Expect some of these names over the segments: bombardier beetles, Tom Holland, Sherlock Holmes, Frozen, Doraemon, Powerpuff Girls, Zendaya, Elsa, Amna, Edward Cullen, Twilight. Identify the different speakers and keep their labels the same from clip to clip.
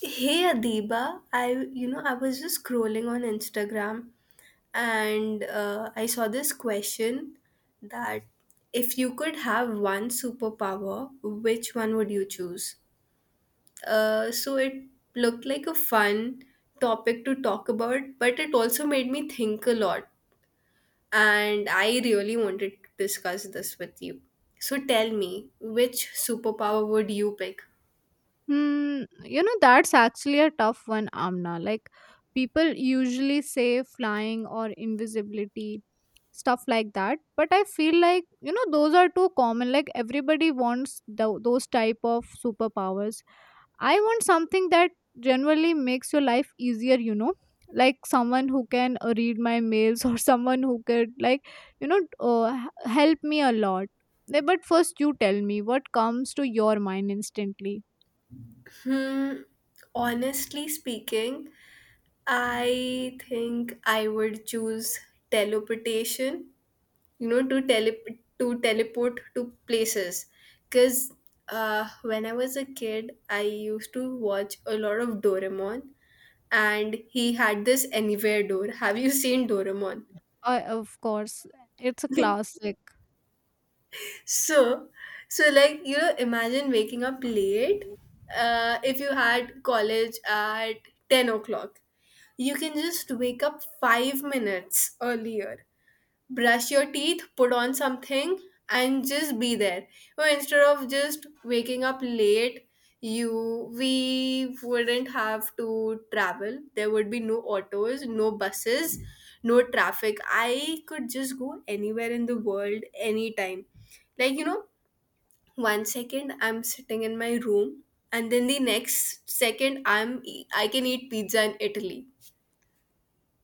Speaker 1: Hey Adiba, I I was just scrolling on Instagram and I saw this question that if you could have one superpower, which one would you choose? It looked like a fun topic to talk about, but it also made me think a lot, and I really wanted to discuss this with you. So tell me, which superpower would you pick?
Speaker 2: You know, that's actually a tough one, Amna. People usually say flying or invisibility, stuff like that. But I feel like, you know, those are too common. Like, everybody wants those type of superpowers. I want something that generally makes your life easier, you know, like someone who can read my mails or someone who could, like, you know, uh, h- help me a lot. But first, you tell me what comes to your mind instantly.
Speaker 1: Hmm, honestly speaking. I think I would choose teleportation, you know, to teleport to places. Because when I was a kid, I used to watch a lot of Doraemon, and he had this anywhere door. Have you seen Doraemon?
Speaker 2: Of course, it's a classic.
Speaker 1: so so like you know imagine waking up late, if you had college at 10 o'clock, you can just wake up 5 minutes earlier, brush your teeth, put on something, and just be there. Or instead of just waking up late, you we wouldn't have to travel. There would be no autos, no buses, no traffic. I could just go anywhere in the world anytime. Like you know, one second I'm sitting in my room, and then the next second I can eat pizza in Italy.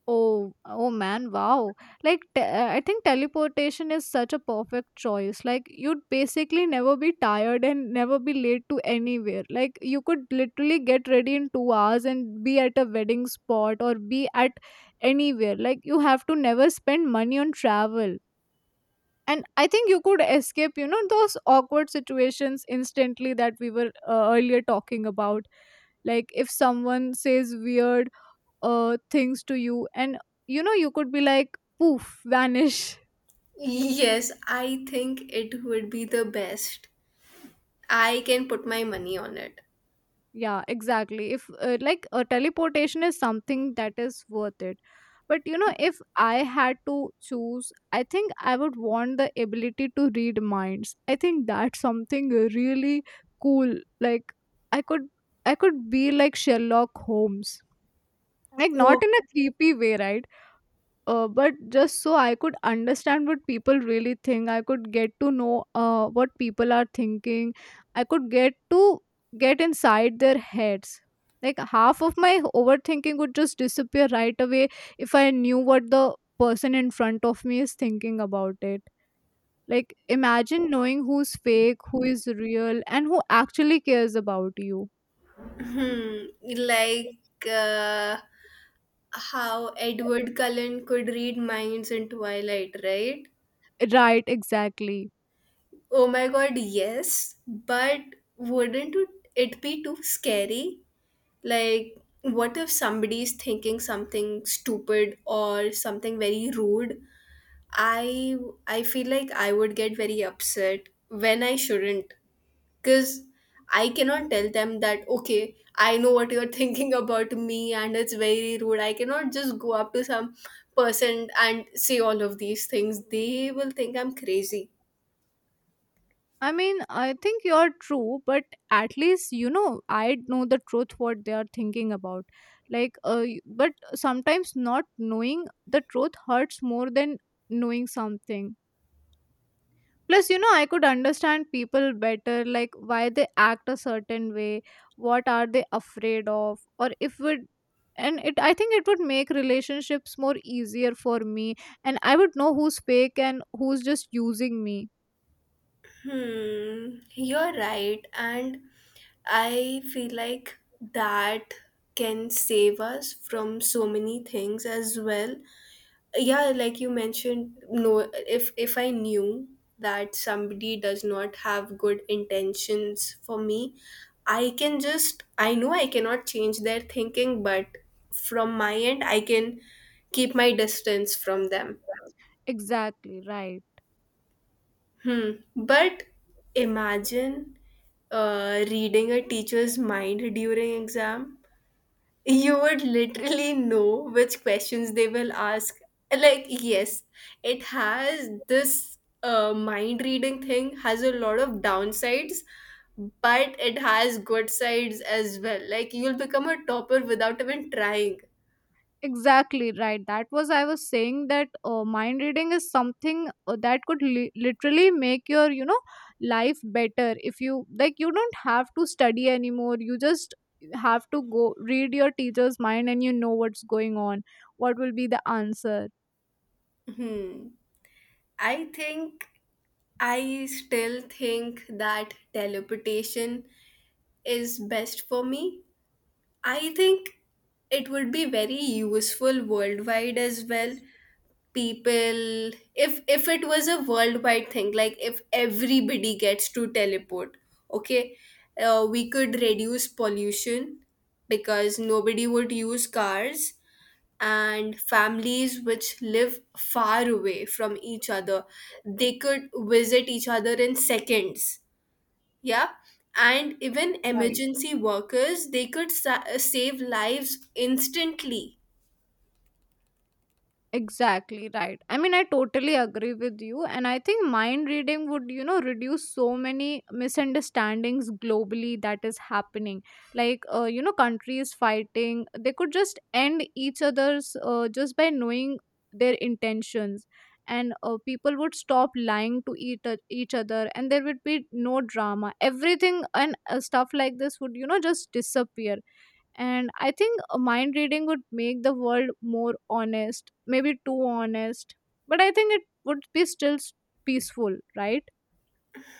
Speaker 2: Oh man, wow. Like, I think teleportation is such a perfect choice. Like, you'd basically never be tired and never be late to anywhere. Like, you could literally get ready in 2 hours and be at a wedding spot or be at anywhere. Like, you have to never spend money on travel. And I think you could escape, you know, those awkward situations instantly that we were earlier talking about, like if someone says weird things to you, and you know you could be like poof vanish.
Speaker 1: Yes, I think it would be the best. I can put my money on it.
Speaker 2: Yeah, exactly. If like a teleportation is something that is worth it, but you know if I had to choose, I think I would want the ability to read minds. I think that's something really cool. Like, i could I could be like Sherlock Holmes, like
Speaker 1: Oh,
Speaker 2: not in a creepy way, right? But just so I could understand what people really think, I could get to know what people are thinking. I could get to Get inside their heads. Like, half of my overthinking would just disappear right away if I knew what the person in front of me is thinking about it. Like, imagine knowing who's fake, who is real, and who actually cares about you.
Speaker 1: hmm, like uh, how Edward Cullen could read minds in Twilight, right?
Speaker 2: Right, exactly.
Speaker 1: Oh my god, yes. But wouldn't it be too scary? Like, what if somebody is thinking something stupid or something very rude? I I feel like I would get very upset when I shouldn't. Because I cannot tell them that, okay, I know what you're thinking about me and it's very rude. I cannot just go up to some person and say all of these things. They will think I'm crazy.
Speaker 2: I mean, I think you're true, but at least you know I know the truth what they are thinking about. Like, but sometimes not knowing the truth hurts more than knowing something. Plus, you know, I could understand people better, like why they act a certain way, what are they afraid of, or if would and it I think it would make relationships more easier for me, and I would know who's fake and who's just using me.
Speaker 1: Hmm, you're right. And I feel like that can save us from so many things as well. Yeah, like you mentioned, no, if I knew that somebody does not have good intentions for me, I know I cannot change their thinking, but from my end I can keep my distance from them.
Speaker 2: Exactly, right.
Speaker 1: Hmm, but imagine reading a teacher's mind during exam. You would literally know which questions they will ask. Like, yes, it has this mind reading thing has a lot of downsides, but it has good sides as well, like you'll become a topper without even trying.
Speaker 2: Exactly right that was i was saying that mind reading is something that could literally make your, you know, life better. If you like, you don't have to study anymore, you just have to go read your teacher's mind and you know what's going on, what will be the answer.
Speaker 1: Hmm, i think I still think that teleportation is best for me. I think it would be very useful worldwide as well. People, if it was a worldwide thing, like if everybody gets to teleport, okay, we could reduce pollution because nobody would use cars, and families which live far away from each other, they could visit each other in seconds. Yeah, and even
Speaker 2: Right.
Speaker 1: emergency workers, they could save lives instantly.
Speaker 2: Exactly, right. I mean, I totally agree with you. And I think mind reading would, you know, reduce so many misunderstandings globally that is happening. Like, you know, countries fighting, they could just end each other's just by knowing their intentions. And people would stop lying to each other, and there would be no drama. Everything and stuff like this would, you know, just disappear. And I think mind reading would make the world more honest, maybe too honest, but I think it would be still peaceful, right?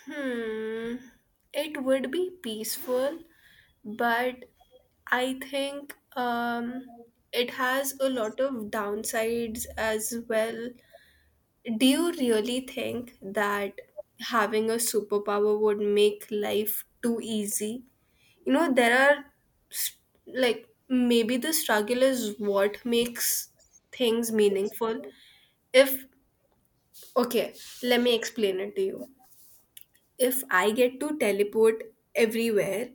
Speaker 1: Hmm, it would be peaceful, but I think it has a lot of downsides as well. Do you really think that having a superpower would make life too easy? You know, there are s- like maybe the struggle is what makes things meaningful. If, okay, let me explain it to you. If I get to teleport everywhere,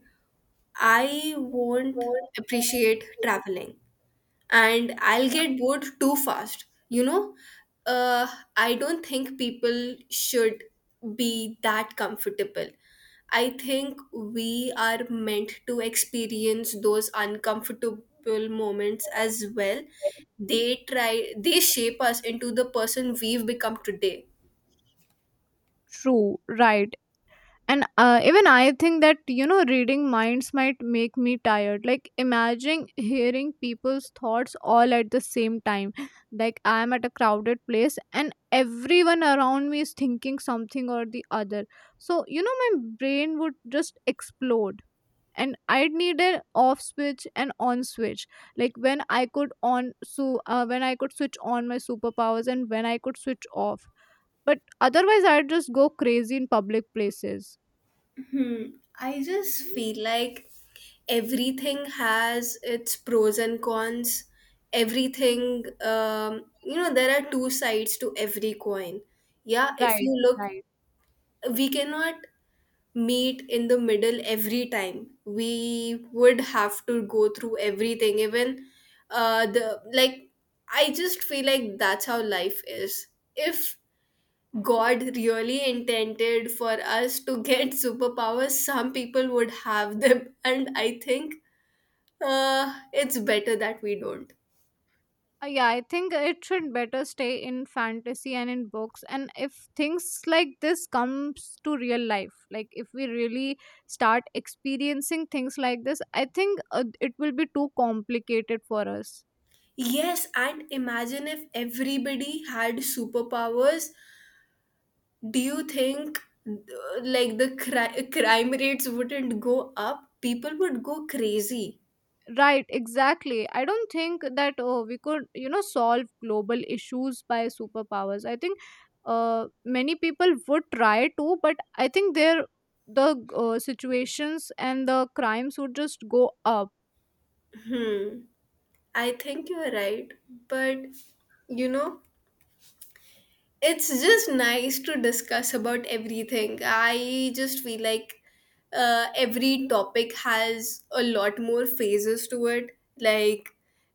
Speaker 1: I won't appreciate traveling and I'll get bored too fast. You know, uh, I don't think people should be that comfortable. I think we are meant to experience those uncomfortable moments as well. They try, they shape us into the person we've become today.
Speaker 2: True, right. And even I think that, you know, reading minds might make me tired. Like, imagine hearing people's thoughts all at the same time, like I am at a crowded place and everyone around me is thinking something or the other. So you know, my brain would just explode, and I'd need an off switch and on switch. Like, when I could switch on my superpowers and when I could switch off. But otherwise I'd just go crazy in public places.
Speaker 1: Hmm. I just feel like everything has its pros and cons. Everything, you know, there are two sides to every coin. Yeah, if
Speaker 2: Right,
Speaker 1: you look,
Speaker 2: right.
Speaker 1: we cannot meet in the middle every time. We would have to go through everything, even the like. I just feel like that's how life is. If God really intended for us to get superpowers, some people would have them, and I think it's better that we don't.
Speaker 2: Yeah, I think it should better stay in fantasy and in books. And if things like this comes to real life, like if we really start experiencing things like this, I think it will be too complicated for us.
Speaker 1: Yes, and imagine if everybody had superpowers. Do you think uh, like the crime rates wouldn't go up? People would go crazy.
Speaker 2: Right, exactly. I don't think that oh, we could, you know, solve global issues by superpowers. I think many people would try to, but I think the situations and the crimes would just go up.
Speaker 1: Hmm. I think you're right, but you know it's just nice to discuss about everything. I just feel like every topic has a lot more phases to it. Like,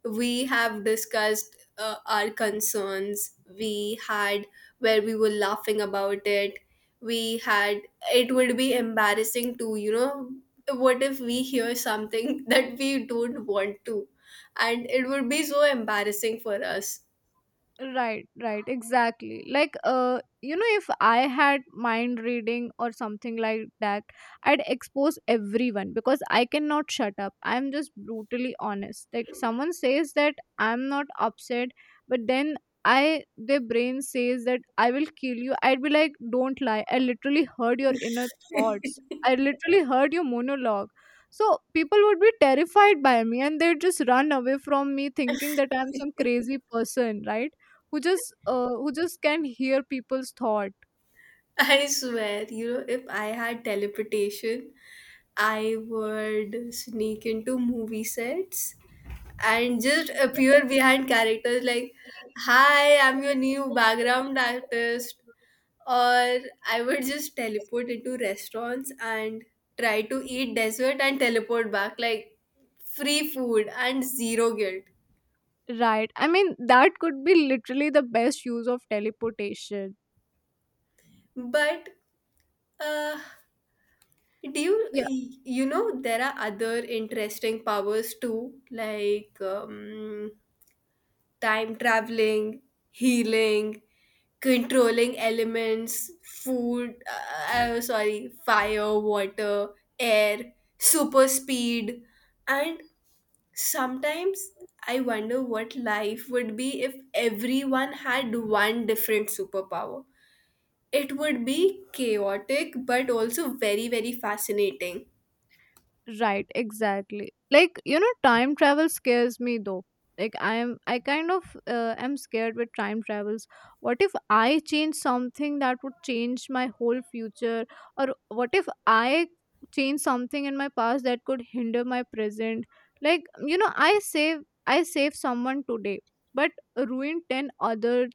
Speaker 1: we have discussed our concerns, we had where we were laughing about it, we had, it would be embarrassing to, you know, what if we hear something that we don't want to, and it would be so embarrassing for us.
Speaker 2: Right, right, exactly. Like, you know, if I had mind reading or something like that, I'd expose everyone because I cannot shut up. I'm just brutally honest. Like, someone says that I'm not upset, but then I their brain says that I will kill you. I'd be like, don't lie, I literally heard your inner thoughts. I literally heard your monologue. So people would be terrified by me, and they'd just run away from me thinking that I'm some crazy person, right? Who just can hear people's thought.
Speaker 1: I swear, you know, if I had teleportation, I would sneak into movie sets and just appear behind characters like, hi, I'm your new background artist. Or I would just teleport into restaurants and try to eat dessert and teleport back, like free food and zero guilt.
Speaker 2: Right, I mean that could be literally the best use of teleportation.
Speaker 1: But uh, do you, you know, there are other interesting powers too, like time traveling, healing, controlling elements, food, sorry, fire, water, air, super speed. And sometimes I wonder what life would be if everyone had one different superpower. It would be chaotic, but also very, very fascinating.
Speaker 2: Right, exactly. Like, you know, time travel scares me though. Like, I kind of am scared with time travels. What if I change something that would change my whole future, or what if I change something in my past that could hinder my present? Like, you know, I save someone today but ruin 10 other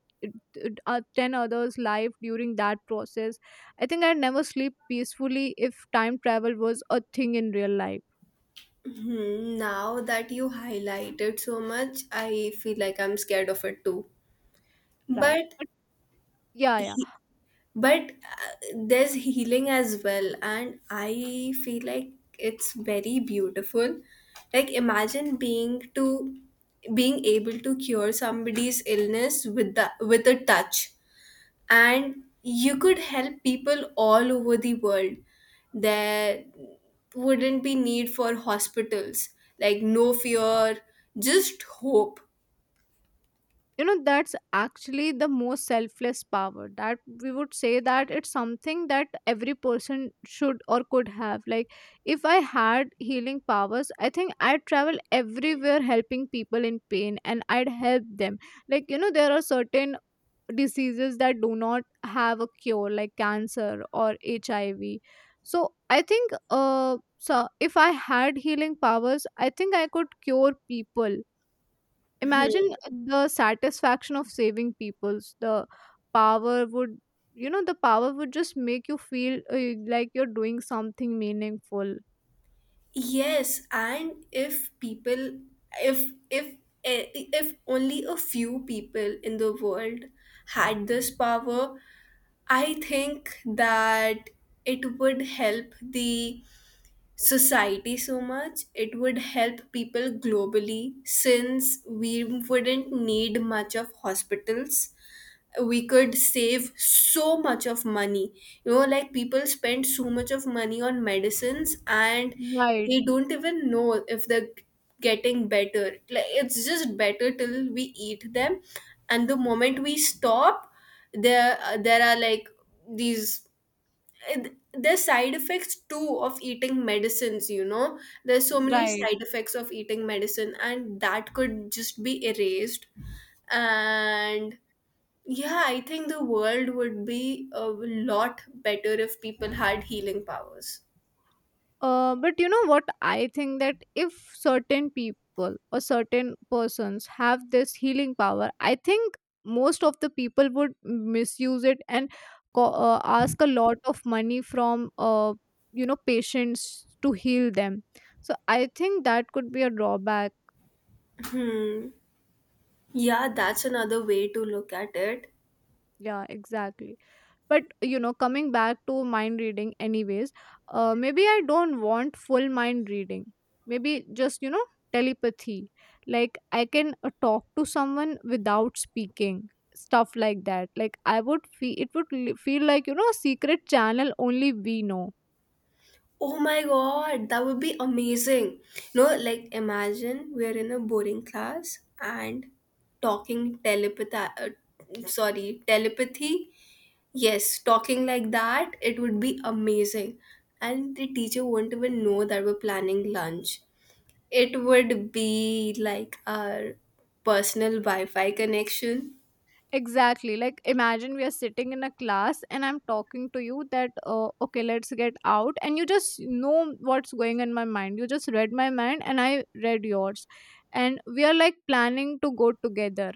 Speaker 2: uh, 10 others life during that process. I think I'd never sleep peacefully if time travel was a thing in real life,
Speaker 1: Hmm, now that you highlighted so much, I feel like I'm scared of it too.
Speaker 2: right?
Speaker 1: But
Speaker 2: But yeah, yeah.
Speaker 1: he, but uh, there's healing as well, and I feel like it's very beautiful. Like imagine being able to cure somebody's illness with a touch, and you could help people all over the world. There wouldn't be need for hospitals. Like no fear, just hope.
Speaker 2: You know, that's actually the most selfless power that we would say that it's something that every person should or could have. Like, if I had healing powers, I think I'd travel everywhere helping people in pain and I'd help them. Like, you know, there are certain diseases that do not have a cure like cancer or HIV. So I think if I had healing powers, I think I could cure people. Imagine the satisfaction of saving people's the power would, you know, the power would just make you feel like you're doing something meaningful.
Speaker 1: Yes, and if people, if if if only a few people in the world had this power, I think that it would help the society so much. It would help people globally since we wouldn't need much of hospitals. We could save so much of money. You know, like people spend so much of money on medicines, and
Speaker 2: Right,
Speaker 1: they don't even know if they're getting better. Like it's just better till we eat them, and the moment we stop, there there are like these, there's side effects too of eating medicines, you know. There's so many
Speaker 2: right.
Speaker 1: side effects of eating medicine, and that could just be erased. And yeah, I think the world would be a lot better if people had healing powers.
Speaker 2: But you know what? I think that if certain people or certain persons have this healing power, I think most of the people would misuse it and ask a lot of money from, you know, patients to heal them. So I think that could be a drawback.
Speaker 1: Hmm, yeah, that's another way to look at it.
Speaker 2: Yeah, exactly. But you know, coming back to mind reading anyways, maybe I don't want full mind reading. Maybe just, you know, telepathy. Like, I can talk to someone without speaking, stuff like that. Like, I would feel it would feel like, you know, a secret channel only we know.
Speaker 1: Oh my god, that would be amazing. No, like imagine we're in a boring class and talking telepathy, telepathy. Yes, talking like that, it would be amazing. And the teacher won't even know that we're planning lunch. It would be like our personal Wi Fi connection.
Speaker 2: Exactly. Like, imagine we are sitting in a class and I'm talking to you that okay, let's get out, and you just know what's going in my mind. You just read my mind and I read yours. And we are like planning to go together.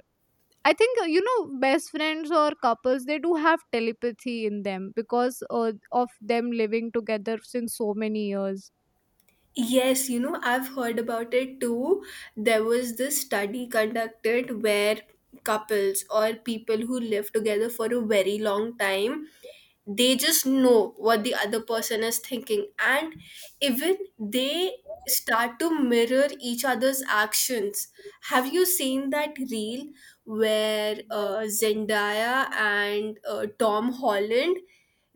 Speaker 2: I think you know, best friends or couples, they do have telepathy in them because of them living together since so many years.
Speaker 1: Yes, you know, I've heard about it too. There was this study conducted where couples or people who live together for a very long time, they just know what the other person is thinking, and even they start to mirror each other's actions. Have you seen that reel where Zendaya and Tom Holland,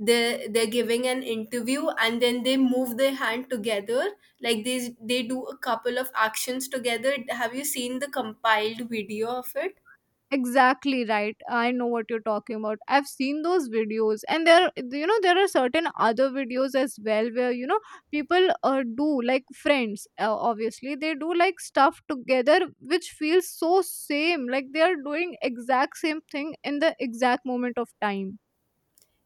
Speaker 1: they're giving an interview and then they move their hand together? Like they do a couple of actions together. Have you seen the compiled video of it?
Speaker 2: Exactly right. I know what you're talking about. I've seen those videos, and there, you know, there are certain other videos as well where you know people do like friends obviously, they do like stuff together, which feels so same like they are doing exact same thing in the exact moment of time.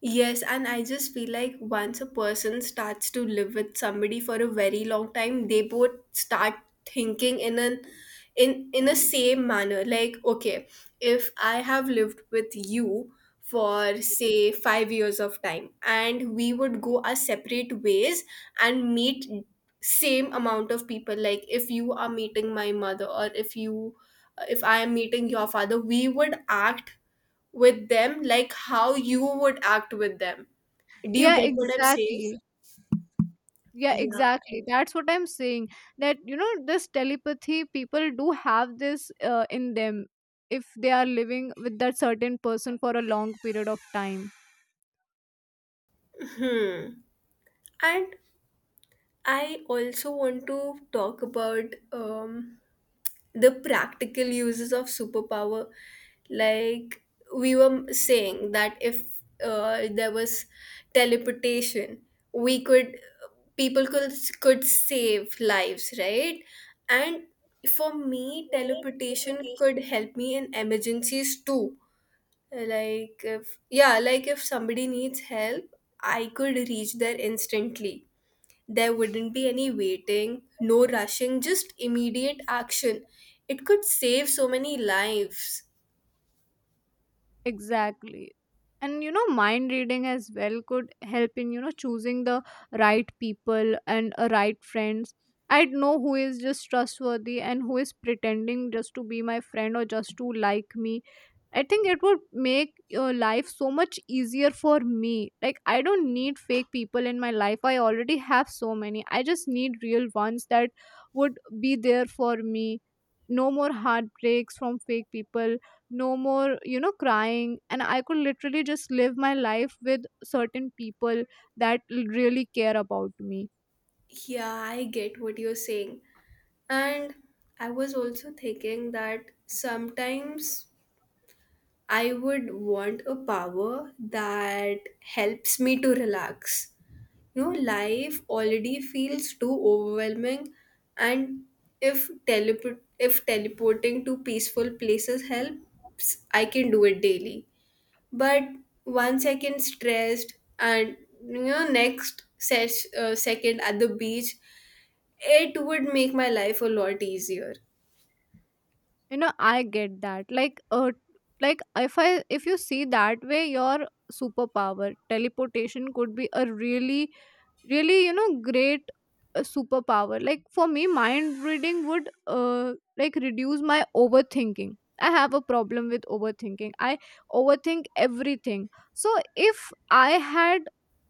Speaker 1: Yes, and I just feel like once a person starts to live with somebody for a very long time, they both start thinking in an, in a same manner. Like, okay, if I have lived with you for say 5 years of time, and we would go our separate ways and meet same amount of people. Like, if you are meeting my mother, or if you, if I am meeting your father, we would act with them like how you would act with them. Do you
Speaker 2: Yeah,
Speaker 1: get what I'm saying?
Speaker 2: exactly. Yeah,
Speaker 1: Yeah.
Speaker 2: exactly. That's what I'm saying. That, you know, this telepathy, people do have this in them if they are living with that certain person for a long period of time.
Speaker 1: Hmm. And I also want to talk about um, the practical uses of superpower. Like, we were saying that if there was teleportation, we could, people could save lives, right? And for me, teleportation could help me in emergencies too, like if, yeah, like if somebody needs help, I could reach there instantly. There wouldn't be any waiting, no rushing, just immediate action. It could save so many lives.
Speaker 2: Exactly. And you know, mind reading as well could help in, you know, choosing the right people and right friends. I'd know who is just trustworthy and who is pretending just to be my friend or just to like me. I think it would make your life so much easier for me. Like, I don't need fake people in my life. I already have so many. I just need real ones that would be there for me. No more heartbreaks from fake people. No more, you know, crying. And I could literally just live my life with certain people that really care about me.
Speaker 1: Yeah, I get what you're saying. And I was also thinking that sometimes I would want a power that helps me to relax. You know, life already feels too overwhelming, and if teleporting to peaceful places helps, I can do it daily. But one second stressed, and you know, next second at the beach. It would make my life a lot easier.
Speaker 2: You know, I get that. Like, if you see that way, your superpower teleportation could be a really, really, you know, great superpower. Like, for me, mind reading would, like, reduce my overthinking. I have a problem with overthinking. I overthink everything. So if I had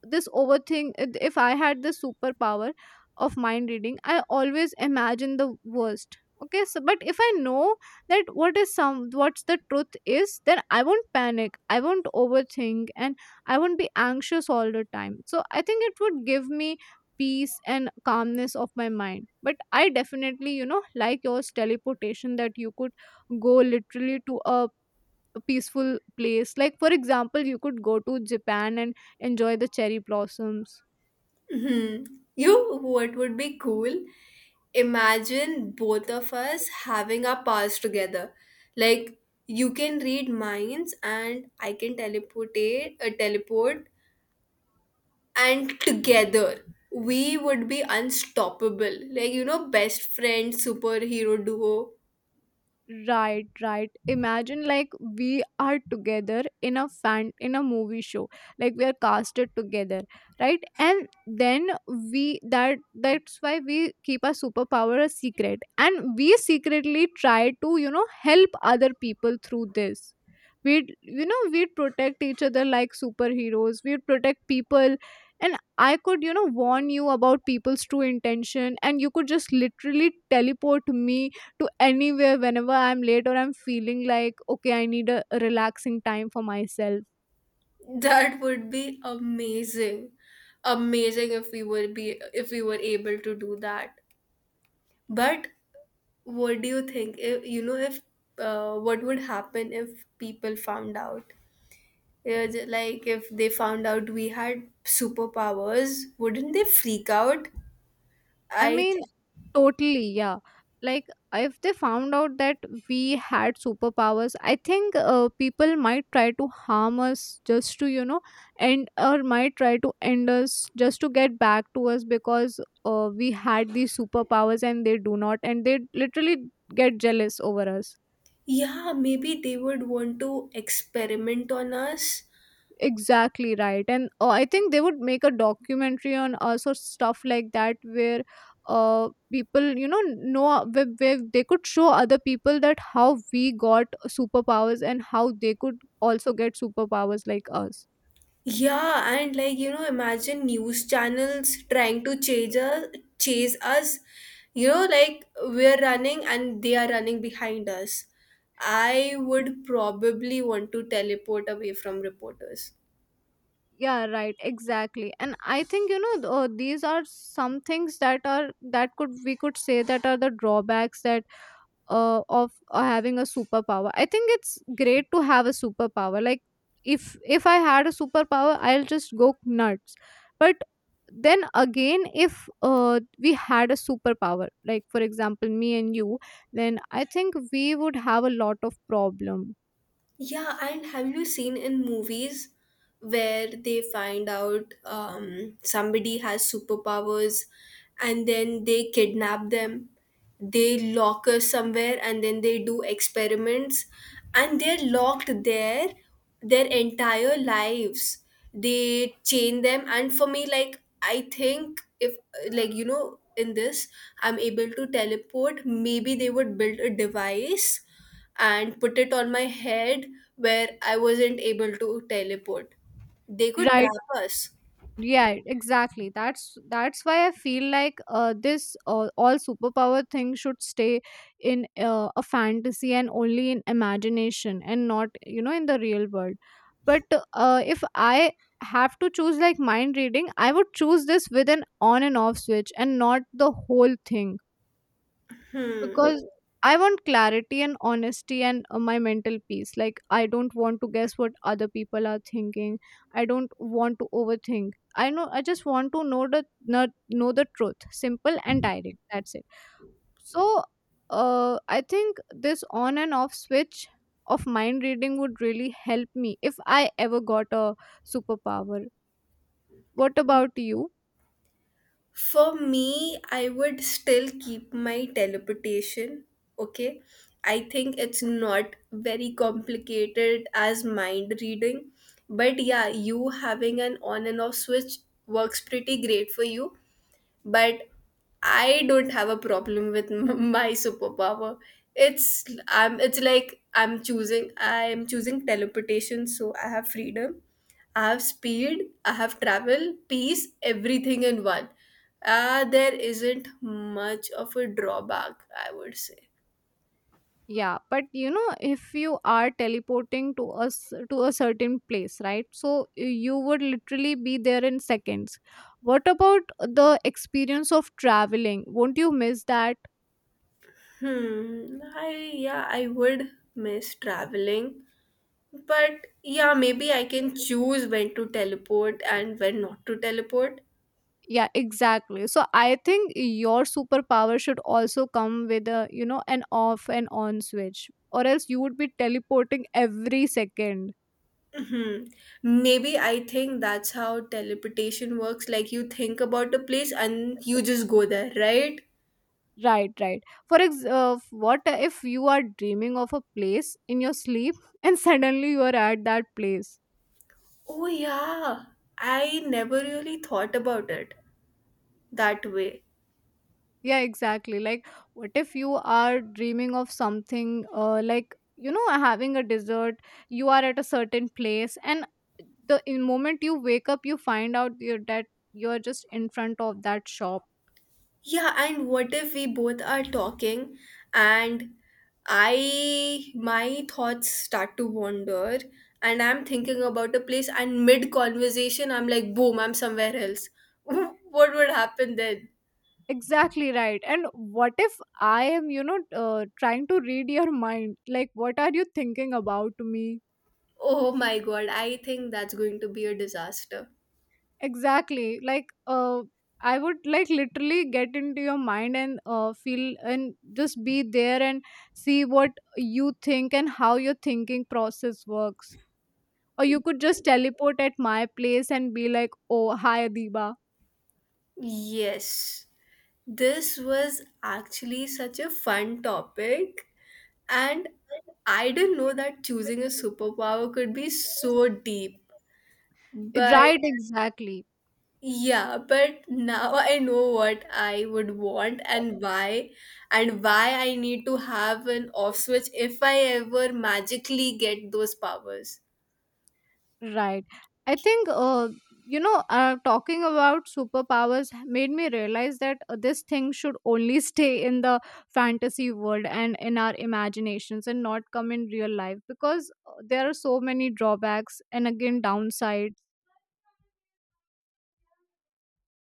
Speaker 2: this overthink this superpower of mind reading. I always imagine the worst, okay? So but if I know that what is some what's the truth is, then I won't panic, I won't overthink, and I won't be anxious all the time. So I think it would give me peace and calmness of my mind. But I definitely, you know, like yours teleportation that you could go literally to a peaceful place. Like for example, you could go to Japan and enjoy the cherry blossoms.
Speaker 1: Hmm. You, what would be cool? Imagine both of us having our powers together. Like you can read minds, and I can teleport, and together we would be unstoppable. Like you know, best friend superhero duo.
Speaker 2: Right, right. Imagine like we are together in a movie show. Like we are casted together, right? And then we that that's why we keep our superpower a secret. And we secretly try to, you know, help other people through this. We'd protect each other like superheroes. We'd protect people and I could, you know, warn you about people's true intention and you could just literally teleport me to anywhere whenever I'm late or I'm feeling like, okay, I need a relaxing time for myself.
Speaker 1: That would be amazing, amazing if we were be if we were able to do that. But what do you think? If, you know, if what would happen if people found out? Yeah, like if they found out we had superpowers, wouldn't they freak out?
Speaker 2: I
Speaker 1: I
Speaker 2: mean,
Speaker 1: think,
Speaker 2: totally, yeah. Like, if they found out that we had superpowers, I think people might try to harm us just to, you know, end or might try to end us just to get back to us because we had these superpowers and they do not, and they literally get jealous over us.
Speaker 1: yeah, maybe they would want to experiment on us.
Speaker 2: Exactly right. And I think they would make a documentary on us or stuff like that where people, you know where they could show other people that how we got superpowers and how they could also get superpowers like us.
Speaker 1: Yeah, and like you know, imagine news channels trying to chase us, chase us. You know, like we're running and they are running behind us. I would probably want to teleport away from reporters.
Speaker 2: Yeah, right, exactly. And I think, you know, these are some things that are that could we could say that are the drawbacks that of having a superpower. I think it's great to have a superpower. Like, if I had a superpower, I'll just go nuts. But then again, if we had a superpower, like for example me and you, then I think we would have a lot of problem.
Speaker 1: Yeah, and have you seen in movies where they find out somebody has superpowers and then they kidnap them? They lock us somewhere and then they do experiments and they're locked there their entire lives. They chain them, and for me, like, I think if, like, you know, in this, I'm able to teleport, maybe they would build a device and put it on my head where I wasn't able to teleport. They could
Speaker 2: Right,
Speaker 1: trap us.
Speaker 2: yeah, exactly. That's why I feel like this all superpower thing should stay in a fantasy and only in imagination and not, you know, in the real world. But if I have to choose, like mind reading, I would choose this with an on and off switch and not the whole thing,
Speaker 1: Hmm.
Speaker 2: because I want clarity and honesty and my mental peace. Like, I don't want to guess what other people are thinking. I don't want to overthink. I know. I just want to know the truth, simple and direct. That's it. So, I think this on and off switch of mind reading would really help me if I ever got a superpower. What about you?
Speaker 1: For me, I would still keep my teleportation. Okay. I think it's not very complicated as mind reading. But yeah, you having an on and off switch works pretty great for you, but I don't have a problem with my superpower. It's like I'm choosing teleportation, so I have freedom, I have speed, I have travel, peace, everything in one. There isn't much of a drawback, I would say.
Speaker 2: Yeah, but you know, if you are teleporting to us to a certain place, right, so you would literally be there in seconds. What about the experience of traveling? Won't you miss that?
Speaker 1: Hmm. I yeah, I would miss traveling. But yeah, maybe I can choose when to teleport and when not to teleport.
Speaker 2: Yeah, exactly. So I think your superpower should also come with a, you know, an off and on switch, or else you would be teleporting every second.
Speaker 1: Mhm. Maybe I think that's how teleportation works. Like you think about a place and you just go there, right?
Speaker 2: Right, right. What if you are dreaming of a place in your sleep and suddenly you are at that place?
Speaker 1: Oh, yeah. I never really thought about it that way.
Speaker 2: Yeah, exactly. Like, what if you are dreaming of something, like, you know, having a dessert, you are at a certain place, and the in moment you wake up, you find out that you're just in front of that shop.
Speaker 1: Yeah, and what if we both are talking and I my thoughts start to wander and I'm thinking about a place and mid conversation I'm like boom, I'm somewhere else. What would happen then?
Speaker 2: Exactly right. And what if I am, you know, trying to read your mind? Like, what are you thinking about me?
Speaker 1: Oh my god, I think that's going to be a disaster.
Speaker 2: Exactly. Like, I would like literally get into your mind and feel and just be there and see what you think and how your thinking process works. Or you could just teleport at my place and be like, oh, hi, Adiba.
Speaker 1: Yes, this was actually such a fun topic, and I didn't know that choosing a superpower could be so deep. But
Speaker 2: Right, exactly.
Speaker 1: yeah, but now I know what I would want and why I need to have an off switch if I ever magically get those powers.
Speaker 2: Right. I think, talking about superpowers made me realize that this thing should only stay in the fantasy world and in our imaginations and not come in real life, because there are so many drawbacks and again downsides.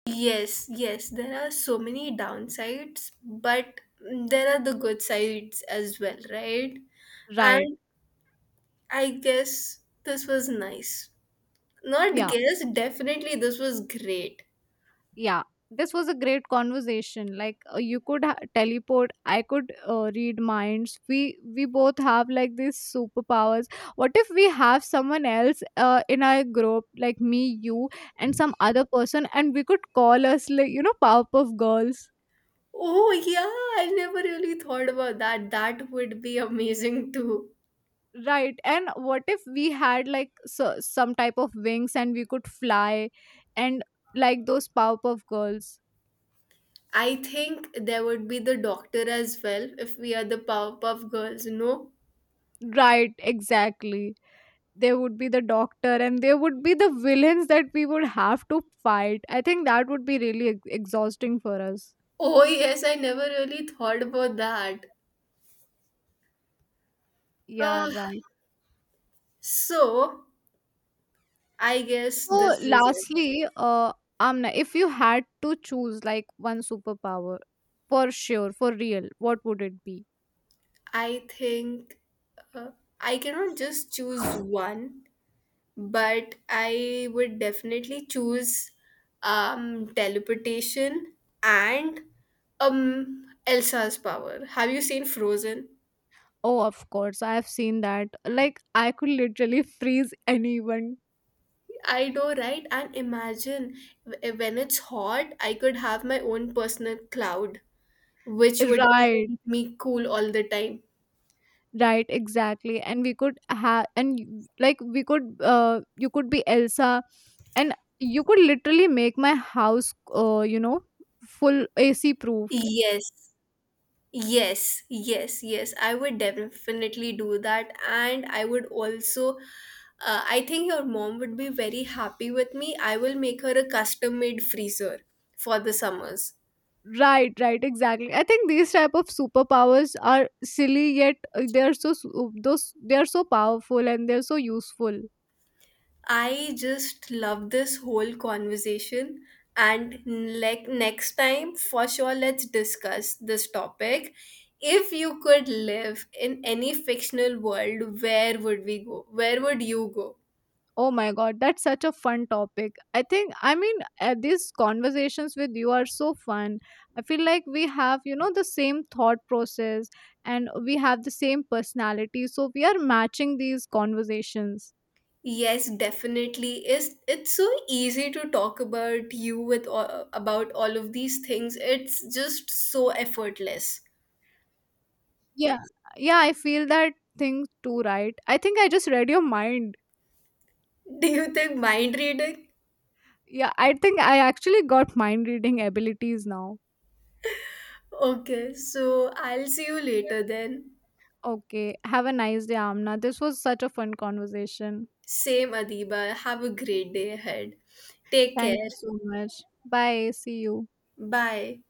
Speaker 1: Yes, yes, there are so many downsides, but there are the good sides as well, right?
Speaker 2: Right.
Speaker 1: And I guess this was nice. Not
Speaker 2: Yeah.
Speaker 1: guess, definitely this was great.
Speaker 2: Yeah, this was a great conversation. Like, you could teleport, I could read minds, we both have like these superpowers. What if we have someone else in our group, like me, you, and some other person, and we could call us like, you know, Powerpuff Girls.
Speaker 1: Oh, yeah, I never really thought about that. That would be amazing too.
Speaker 2: Right. And what if we had like some type of wings and we could fly, and like those Powerpuff Girls.
Speaker 1: I think there would be the doctor as well if we are the Powerpuff Girls, no?
Speaker 2: Right, exactly. There would be the doctor and there would be the villains that we would have to fight. I think that would be really exhausting for us.
Speaker 1: Oh, yes, I never really thought about that.
Speaker 2: Yeah,
Speaker 1: Ah,
Speaker 2: right.
Speaker 1: so, I guess
Speaker 2: So
Speaker 1: this was it.
Speaker 2: lastly, Amna, if you had to choose like one superpower, for sure, for real, what would it be?
Speaker 1: I think uh, I cannot just choose one, but I would definitely choose teleportation and Elsa's power. Have you seen Frozen?
Speaker 2: Oh, of course I have seen that. Like, I could literally freeze anyone.
Speaker 1: I know, right? And imagine when it's hot, I could have my own personal cloud, which would just
Speaker 2: Right,
Speaker 1: keep me cool all the time.
Speaker 2: right, exactly. And we could have, and like, we could you could be Elsa and you could literally make my house, you know, full AC proof.
Speaker 1: Yes, yes, yes, yes. I would definitely do that. And I would also, I think your mom would be very happy with me. I will make her a custom made freezer for the summers.
Speaker 2: Right, right, exactly. I think these type of superpowers are silly, yet they are so su- those they are so powerful and they're so useful.
Speaker 1: I just love this whole conversation. And like next time, for sure, let's discuss this topic. If you could live in any fictional world, where would we go? Where would you go?
Speaker 2: Oh my god, that's such a fun topic. I think, I mean, these conversations with you are so fun. I feel like we have, you know, the same thought process and we have the same personality, so we are matching these conversations.
Speaker 1: Yes, definitely. Is it's so easy to talk about you with about all of these things. It's just so effortless.
Speaker 2: Yeah. Yeah, I feel that thing too, right? I think I just read your mind.
Speaker 1: Do you think mind reading?
Speaker 2: Yeah, I think I actually got mind reading abilities now.
Speaker 1: Okay, so I'll see you later then.
Speaker 2: Okay. Have a nice day, Amna. This was such a fun conversation.
Speaker 1: Same Adiba. Have a great day ahead. Take
Speaker 2: Thank
Speaker 1: care.
Speaker 2: you so much. Bye. See you.
Speaker 1: Bye.